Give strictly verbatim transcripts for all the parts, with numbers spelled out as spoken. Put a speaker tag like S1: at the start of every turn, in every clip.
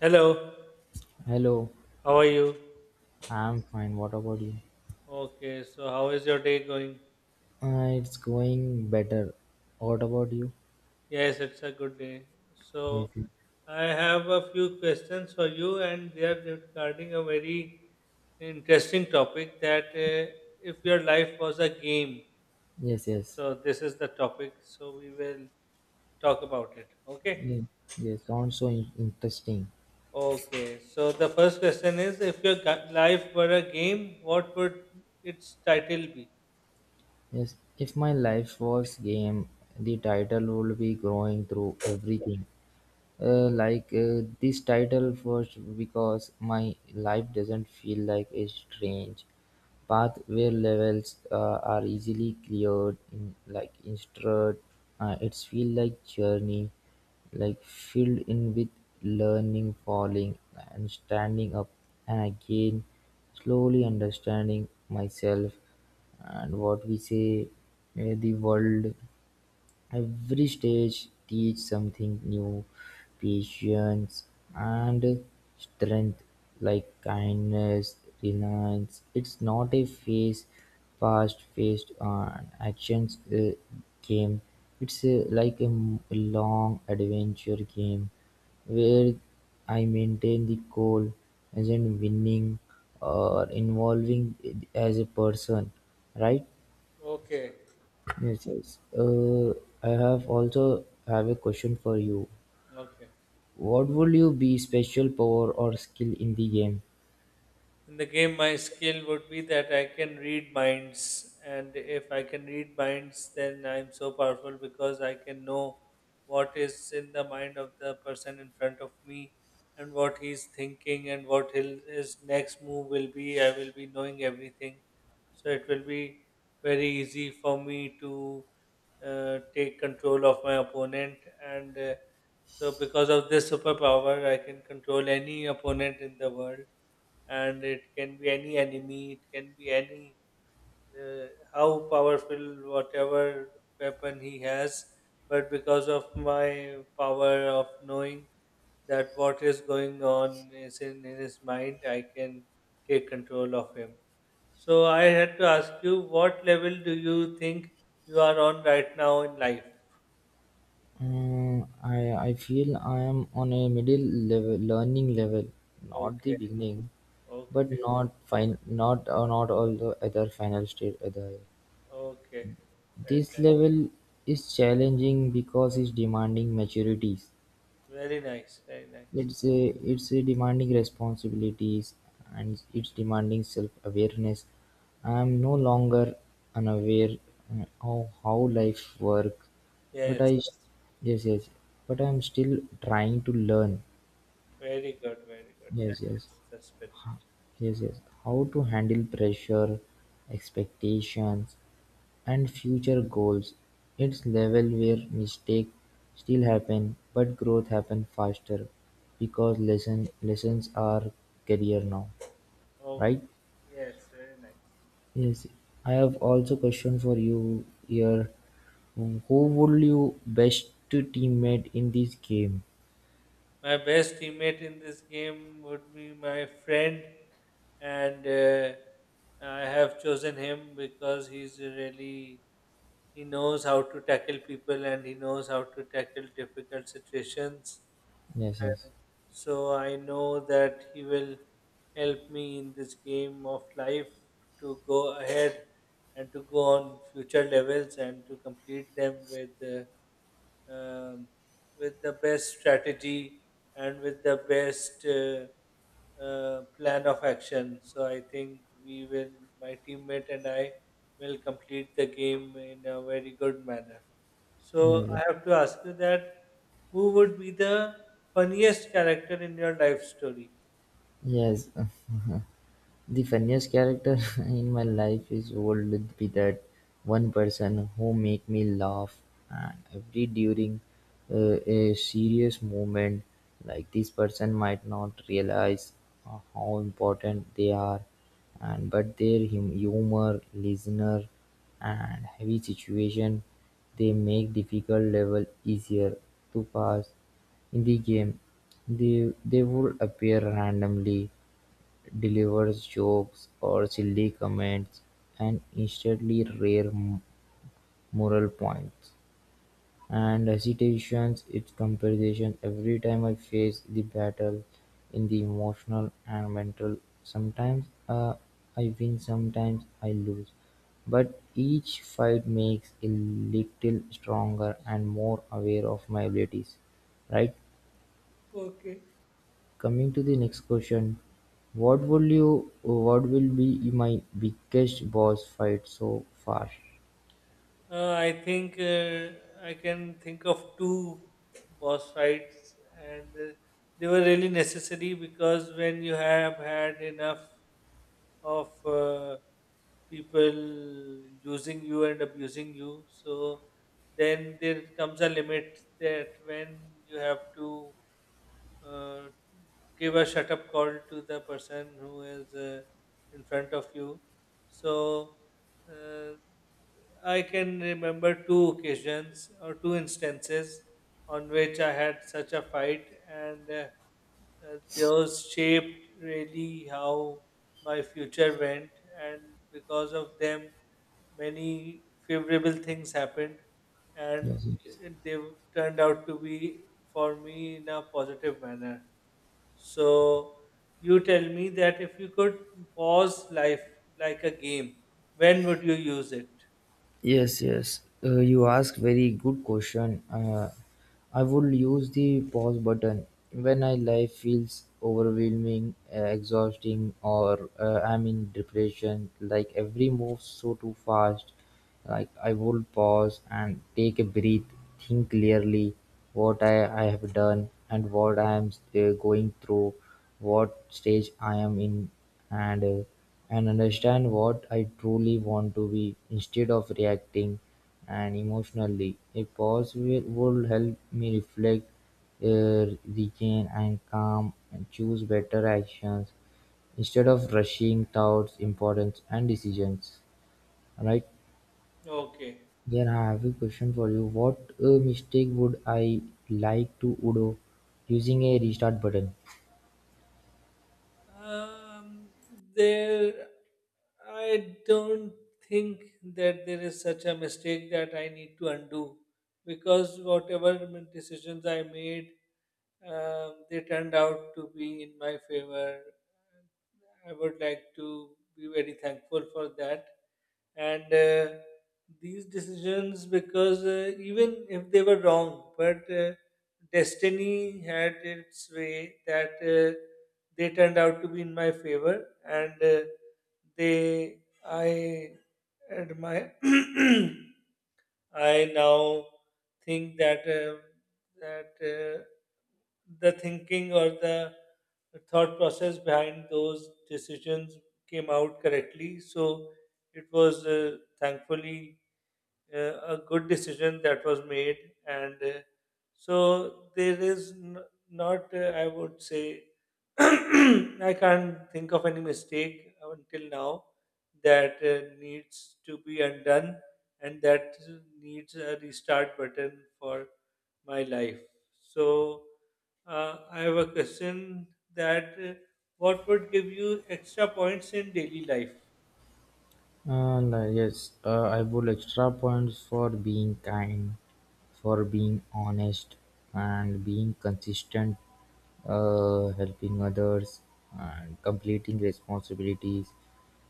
S1: Hello,
S2: Hello,
S1: how are you?
S2: I'm fine. What about you?
S1: Okay, so how is your day going?
S2: Uh, it's going better. What about you?
S1: Yes, it's a good day. So,
S2: Yes,
S1: I have a few questions for you, and they are regarding a very interesting topic that uh, if your life was a game,
S2: yes, yes.
S1: so this is the topic, so we will talk about it. Okay?
S2: Yes, yes, sounds so in- interesting.
S1: Okay, so the first question is if your gu- life were a game, what would its title be?
S2: Yes, if my life was game, the title would be growing through everything. Uh, like uh, this title first because my life doesn't feel like a strange path where levels uh, are easily cleared in like instead uh, it's feel like journey like filled in with learning falling and standing up and again slowly understanding myself and what we say, uh, the world. Every stage teaches something new, patience and strength, like kindness, reliance. It's not a phase past faced, on actions uh, game. It's uh, like a m- long adventure game where I maintain the goal as in winning or involving, uh, as a person, right?
S1: Okay,
S2: Yes, yes. Uh, I have also have a question for you.
S1: okay.
S2: What would you be special power or skill in the game?
S1: In the game, my skill would be that I can read minds, and if I can read minds, then I'm so powerful because I can know what is in the mind of the person in front of me and what he's thinking and what he'll, his next move will be. I will be knowing everything, so it will be very easy for me to uh, take control of my opponent. And uh, so, because of this superpower, I can control any opponent in the world, and it can be any enemy, it can be any uh, how powerful whatever weapon he has. But because of my power of knowing that what is going on is in, in his mind, I can take control of him. So I had to ask you, what level do you think you are on right now in life?
S2: Uh, I I feel I am on a middle level learning level, not the
S1: Okay,
S2: beginning,
S1: okay,
S2: but not fine, not uh, not all the other final state other.
S1: okay.
S2: This level is challenging because it's demanding maturities.
S1: Very nice, very nice. Very nice.
S2: It's a it's a demanding responsibilities and it's demanding self awareness. I am no longer unaware uh, of how life work, but
S1: Yes.
S2: I, yes, yes, but I am still trying to learn.
S1: Very good, very good. That
S2: Yes, yes.
S1: is the spirit.
S2: Ha- yes, yes. How to handle pressure, expectations, and future goals, it's level where mistakes still happen but growth happen faster because lesson lessons are career now,
S1: Okay.
S2: right?
S1: Yes, very nice.
S2: Yes, I have also question for you here. Who would you best teammate in this game?
S1: My best teammate in this game would be my friend, and uh, I have chosen him because he's really he knows how to tackle people and he knows how to tackle difficult situations.
S2: Yes, yes,
S1: And so I know that he will help me in this game of life to go ahead and to go on future levels and to complete them with uh, um, with the best strategy and with the best uh, uh, plan of action. So I think we will, my teammate and I will complete the game in a very good manner. So
S2: yes,
S1: I
S2: yes.
S1: have to ask you, that who would be the funniest character in your life story?
S2: Yes. The funniest character in my life is would be that one person who make me laugh and every during uh, a serious moment. Like this person might not realize uh, how important they are, and but their hum- humor, listener, and heavy situation, they make difficult level easier to pass in the game. They they would appear randomly, delivers jokes or silly comments and instantly rare m- moral points. And hesitations its comparison every time I face the battle in the emotional and mental. Sometimes, uh, I win, sometimes I lose. But each fight makes a little stronger and more aware of my abilities, right?
S1: Okay.
S2: Coming to the next question, what will you what will be my biggest boss fight so far?
S1: Uh, I think uh, I can think of two boss fights, and uh, they were really necessary because when you have had enough of uh, people using you and abusing you. So then there comes a limit that when you have to uh, give a shut up call to the person who is uh, in front of you. So uh, I can remember two occasions or two instances on which I had such a fight, and uh, uh, those shaped really how my future went. And because of them, many favorable things happened, and
S2: Yes.
S1: they turned out to be for me in a positive manner. So you tell me, that if you could pause life like a game, when would you use it?
S2: Yes, yes. Uh, you ask very good question. Uh, I would use the pause button when I life feels overwhelming, uh, exhausting, or uh, I'm in depression. Like every move so too fast. Like I would pause and take a breath, think clearly what I, I have done and what I am uh, going through, what stage I am in, and uh, and understand what I truly want to be instead of reacting and emotionally. A pause will, will help me reflect, uh, regain and calm and choose better actions instead of rushing thoughts, importance and decisions. Right?
S1: Okay.
S2: Then I have a question for you. What uh, mistake would I like to undo using a restart button?
S1: Um, there, I don't think that there is such a mistake that I need to undo, because whatever m- decisions I made, um, they turned out to be in my favor. I would like to be very thankful for that, and uh, these decisions, because uh, even if they were wrong, but uh, destiny had its way that uh, they turned out to be in my favor. And uh, they I admire I now think that uh, that uh, the thinking or the thought process behind those decisions came out correctly. So it was uh, thankfully uh, a good decision that was made, and uh, so there is n- not uh, I would say I can't think of any mistake until now that uh, needs to be undone and that needs a restart button for my life. So, uh, I have a question that uh, what would give you extra points in daily life?
S2: And uh, Yes, uh, I would like extra points for being kind, for being honest, and being consistent, uh, helping others, and completing responsibilities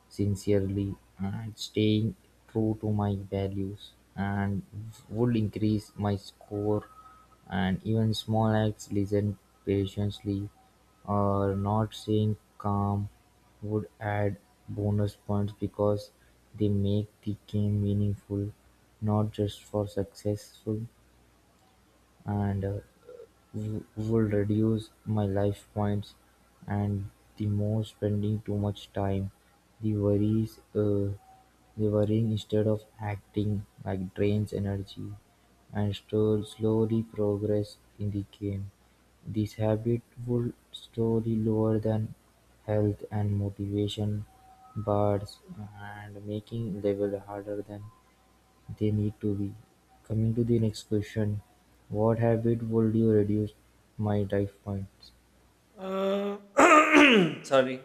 S2: sincerely and staying true to my values and would increase my score and even small acts listen patiently or not saying calm would add bonus points because they make the game meaningful not just for successful and uh, w- would reduce my life points and the more spending too much time the worries, uh, the worrying instead of acting like drains energy and store slowly progress in the game. This habit will slowly lower than health and motivation bars and making level harder than they need to be. Coming to the next question, what habit would you reduce my life miles?
S1: Uh, sorry.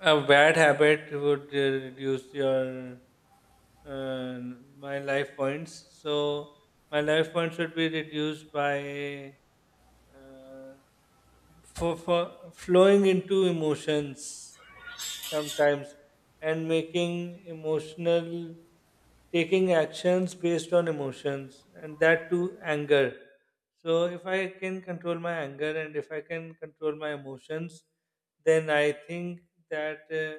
S1: A bad habit would uh, reduce your uh, my life points. So my life points would be reduced by uh, for, for flowing into emotions sometimes and making emotional taking actions based on emotions, and that too anger. So if I can control my anger and if I can control my emotions, then I think that uh,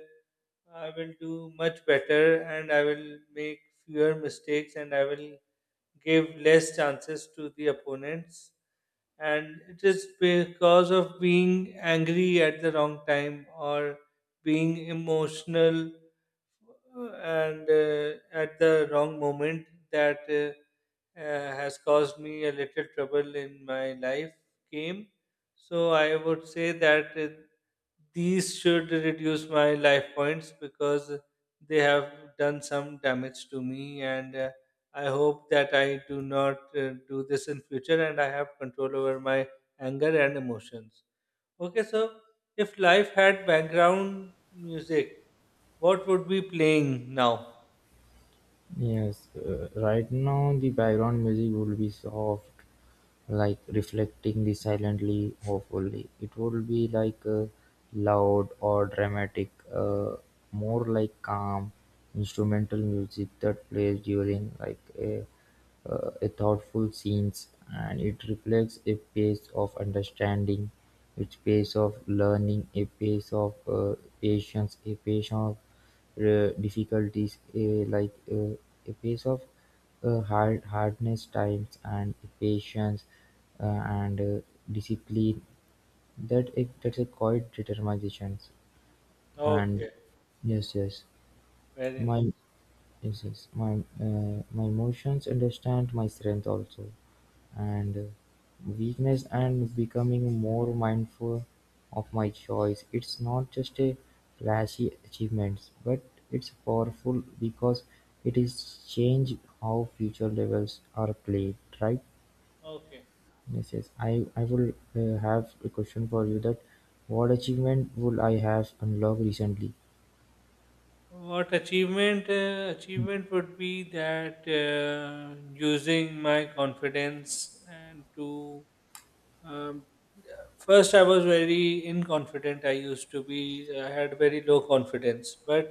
S1: I will do much better and I will make fewer mistakes and I will give less chances to the opponents. And it is because of being angry at the wrong time or being emotional uh, and uh, at the wrong moment that uh, uh, has caused me a little trouble in my life game. So I would say that uh, these should reduce my life points because they have done some damage to me. And uh, I hope that I do not uh, do this in future and I have control over my anger and emotions. Okay, so if life had background music, what would be playing now?
S2: Yes, uh, right now the background music would be soft, like reflecting the silently, hopefully. It would be like uh, loud or dramatic, uh, more like calm instrumental music that plays during like a, uh, a thoughtful scenes, and it reflects a pace of understanding, a pace of learning, a pace of uh, patience, a pace of uh, difficulties, uh, like uh, a piece of uh, hard hardness, times and patience, uh, and uh, discipline that it that's a quite determination and
S1: Okay,
S2: yes, yes,
S1: very nice.
S2: my, yes, yes, my, uh, my emotions understand my strength also, and uh, weakness and becoming more mindful of my choice. It's not just a flashy achievements, but it's powerful because it is change how future levels are played. Right?
S1: Okay.
S2: Yes, yes. I I will uh, have a question for you that what achievement would I have unlocked recently?
S1: What achievement uh, achievement would be that uh, using my confidence and to Um, first, I was very inconfident. I used to be, I had very low confidence, but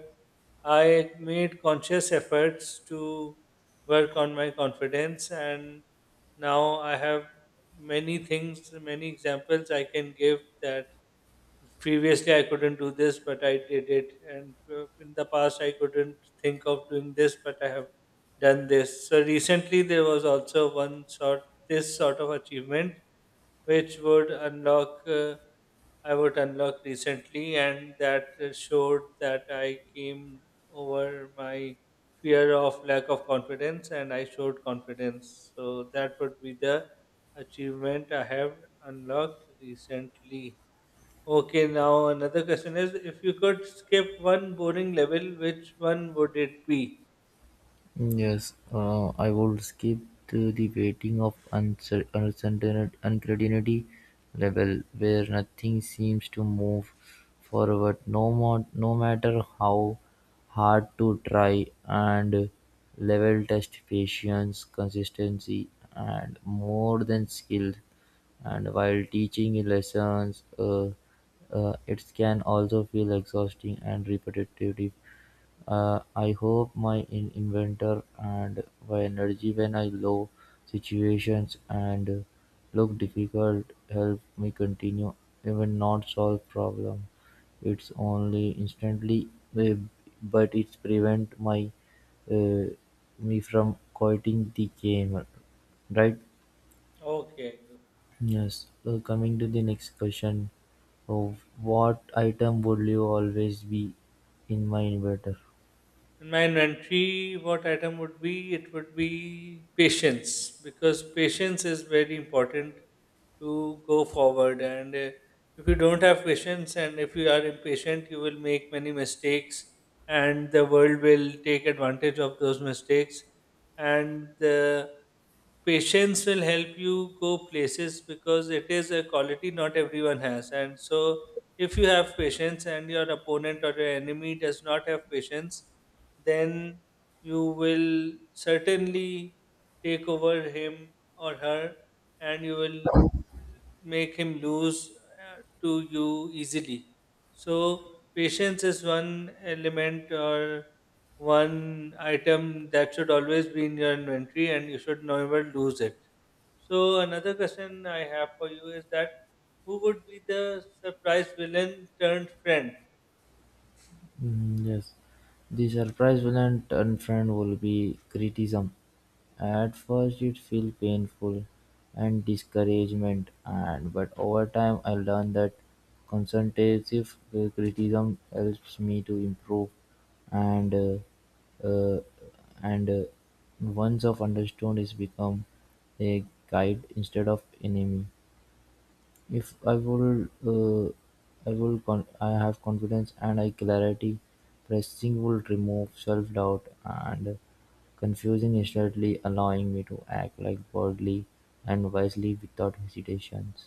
S1: I made conscious efforts to work on my confidence, and now I have many things, many examples I can give, that previously I couldn't do this, but I did it, and uh, in the past I couldn't think of doing this, but I have done this. So recently there was also one sort this sort of achievement which would unlock uh, I would unlock recently, and that uh, showed that I came over my fear of lack of confidence, and I showed confidence. So that would be the achievement I have unlocked recently. Okay, now another question is: if you could skip one boring level, which one would it be?
S2: Yes, uh, I would skip to the waiting of uncer- uncertain- uncertainty level where nothing seems to move forward, no, mo- no matter how hard to try, and level test patience, consistency, and more than skill. And while teaching lessons, uh, uh, it can also feel exhausting and repetitive. uh, I hope my in inventor and my energy when I low situations and look difficult help me continue even not solve problem. It's only instantly, eh, but it's prevent my, uh, me from quitting the game, right?
S1: Okay.
S2: Yes, so coming to the next question of what item would you always be in my inventor.
S1: And my inventory, what item would be? It would be patience, because patience is very important to go forward. And uh, if you don't have patience and if you are impatient, you will make many mistakes, and the world will take advantage of those mistakes. And the patience will help you go places, because it is a quality not everyone has. And so, if you have patience and your opponent or your enemy does not have patience, then you will certainly take over him or her, and you will make him lose uh, to you easily. So, patience is one element or one item that should always be in your inventory, and you should never lose it. So, another question I have for you is that who would be the surprise villain turned friend?
S2: Mm, yes, the surprise villain and friend will be criticism. At first, it feels painful and discouragement, and but over time, I learned that constructive uh, criticism helps me to improve, and uh, uh, and uh, once I've understood, it's become a guide instead of enemy. If I would, uh, I will. Con- I have confidence and I clarity. Pressing will remove self-doubt and confusing instantly, allowing me to act like boldly and wisely without hesitations.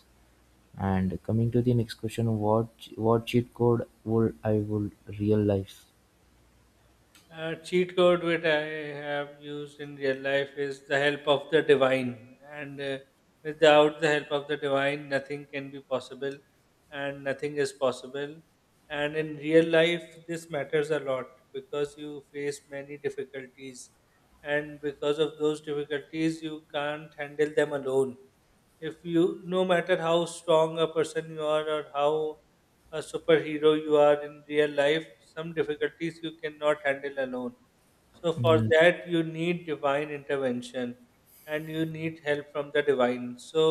S2: And coming to the next question, what what cheat code would I would realize?
S1: Uh, cheat code which I have used in real life is the help of the divine. And uh, without the help of the divine, nothing can be possible, and nothing is possible. And in real life, this matters a lot, because you face many difficulties, and because of those difficulties, you can't handle them alone. If you, no matter how strong a person you are, or how a superhero you are in real life, some difficulties you cannot handle alone. So for
S2: Yes,
S1: that you need divine intervention, and you need help from the divine. So,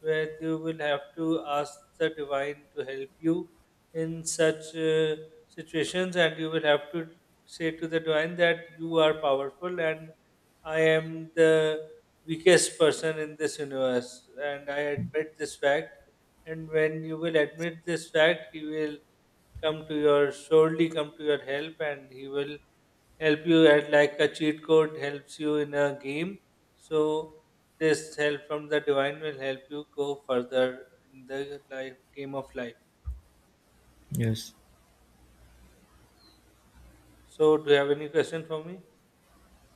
S1: where you will have to ask the divine to help you in such uh, situations, and you will have to say to the divine that you are powerful and I am the weakest person in this universe. And I admit this fact. And when you will admit this fact, he will come to your surely come to your help, and he will help you at like a cheat code helps you in a game. So this help from the divine will help you go further in the life game of life.
S2: yes,
S1: So do you have any question for me?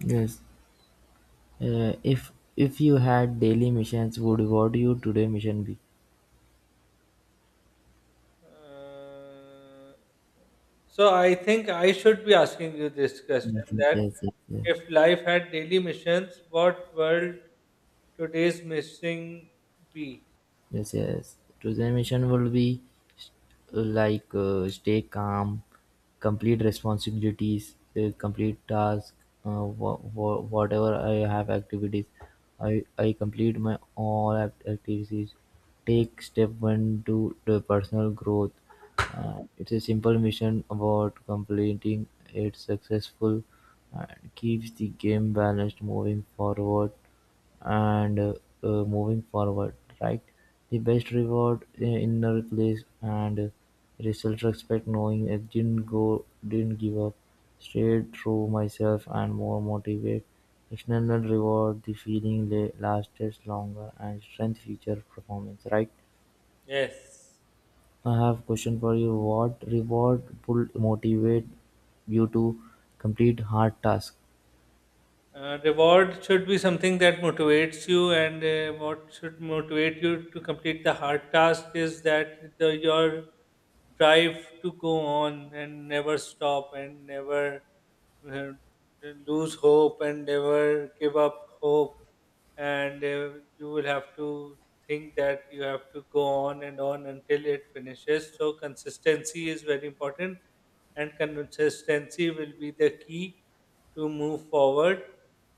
S2: yes. Uh, if if you had daily missions, would what you today mission be?
S1: Uh, So I think I should be asking you this
S2: Yes,
S1: question,
S2: yes,
S1: that
S2: yes, yes, yes.
S1: if life had daily missions, what world today's missing be?
S2: Yes, yes. To mission will be like, uh, stay calm, complete responsibilities, uh, complete task, uh, wha- wha- whatever I have activities, I I complete my all act- activities. Take step one to the personal growth. Uh, it's a simple mission about completing it successful and keeps the game balanced moving forward and uh, uh, moving forward, right? The best reward i- inner place and uh, self-respect, knowing I didn't go, didn't give up, stayed true myself, and more motivated. External reward, the feeling la- lasted longer and strength future performance, right?
S1: Yes.
S2: I have question for you. What reward will motivate you to complete hard task?
S1: Uh, reward should be something that motivates you, and uh, what should motivate you to complete the hard task is that the, your drive to go on and never stop and never uh, lose hope and never give up hope. And uh, you will have to think that you have to go on and on until it finishes. So, consistency is very important, and consistency will be the key to move forward.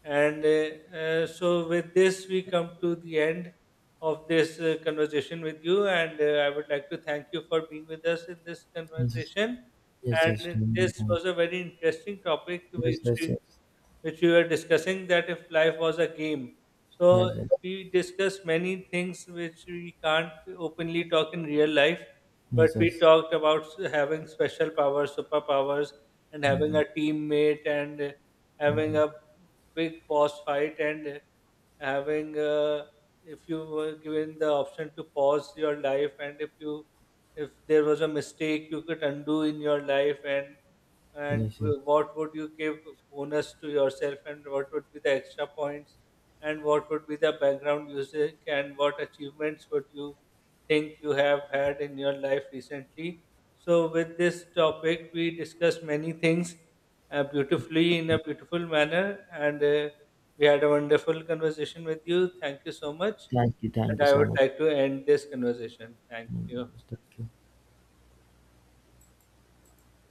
S1: And uh, uh, so, with this, we come to the end of this uh, conversation with you. And uh, I would like to thank you for being with us in this
S2: Yes,
S1: conversation.
S2: yes, yes.
S1: And this
S2: Yes,
S1: was a very interesting topic,
S2: yes,
S1: which
S2: yes.
S1: we
S2: Yes,
S1: which we were discussing, that if life was a game. So
S2: yes,
S1: we discussed many things which we can't openly talk in real life, but
S2: yes,
S1: we
S2: yes.
S1: talked about s- having special powers, superpowers, and having a
S2: Mm,
S1: teammate, and uh, having
S2: okay.
S1: a big boss fight, and uh, having uh, if you were given the option to pause your life, and if you, if there was a mistake you could undo in your life, and and
S2: Yes. Yes.
S1: what would you give bonus to yourself, and what would be the extra points, and what would be the background music, and what achievements would you think you have had in your life recently. So with this topic we discussed many things uh, beautifully, in a beautiful manner. And uh, we had a wonderful conversation with you. Thank you so much.
S2: Thank you, thank
S1: And
S2: you
S1: I
S2: so
S1: would
S2: much.
S1: like to end this conversation. Thank
S2: Mm,
S1: you.
S2: thank you.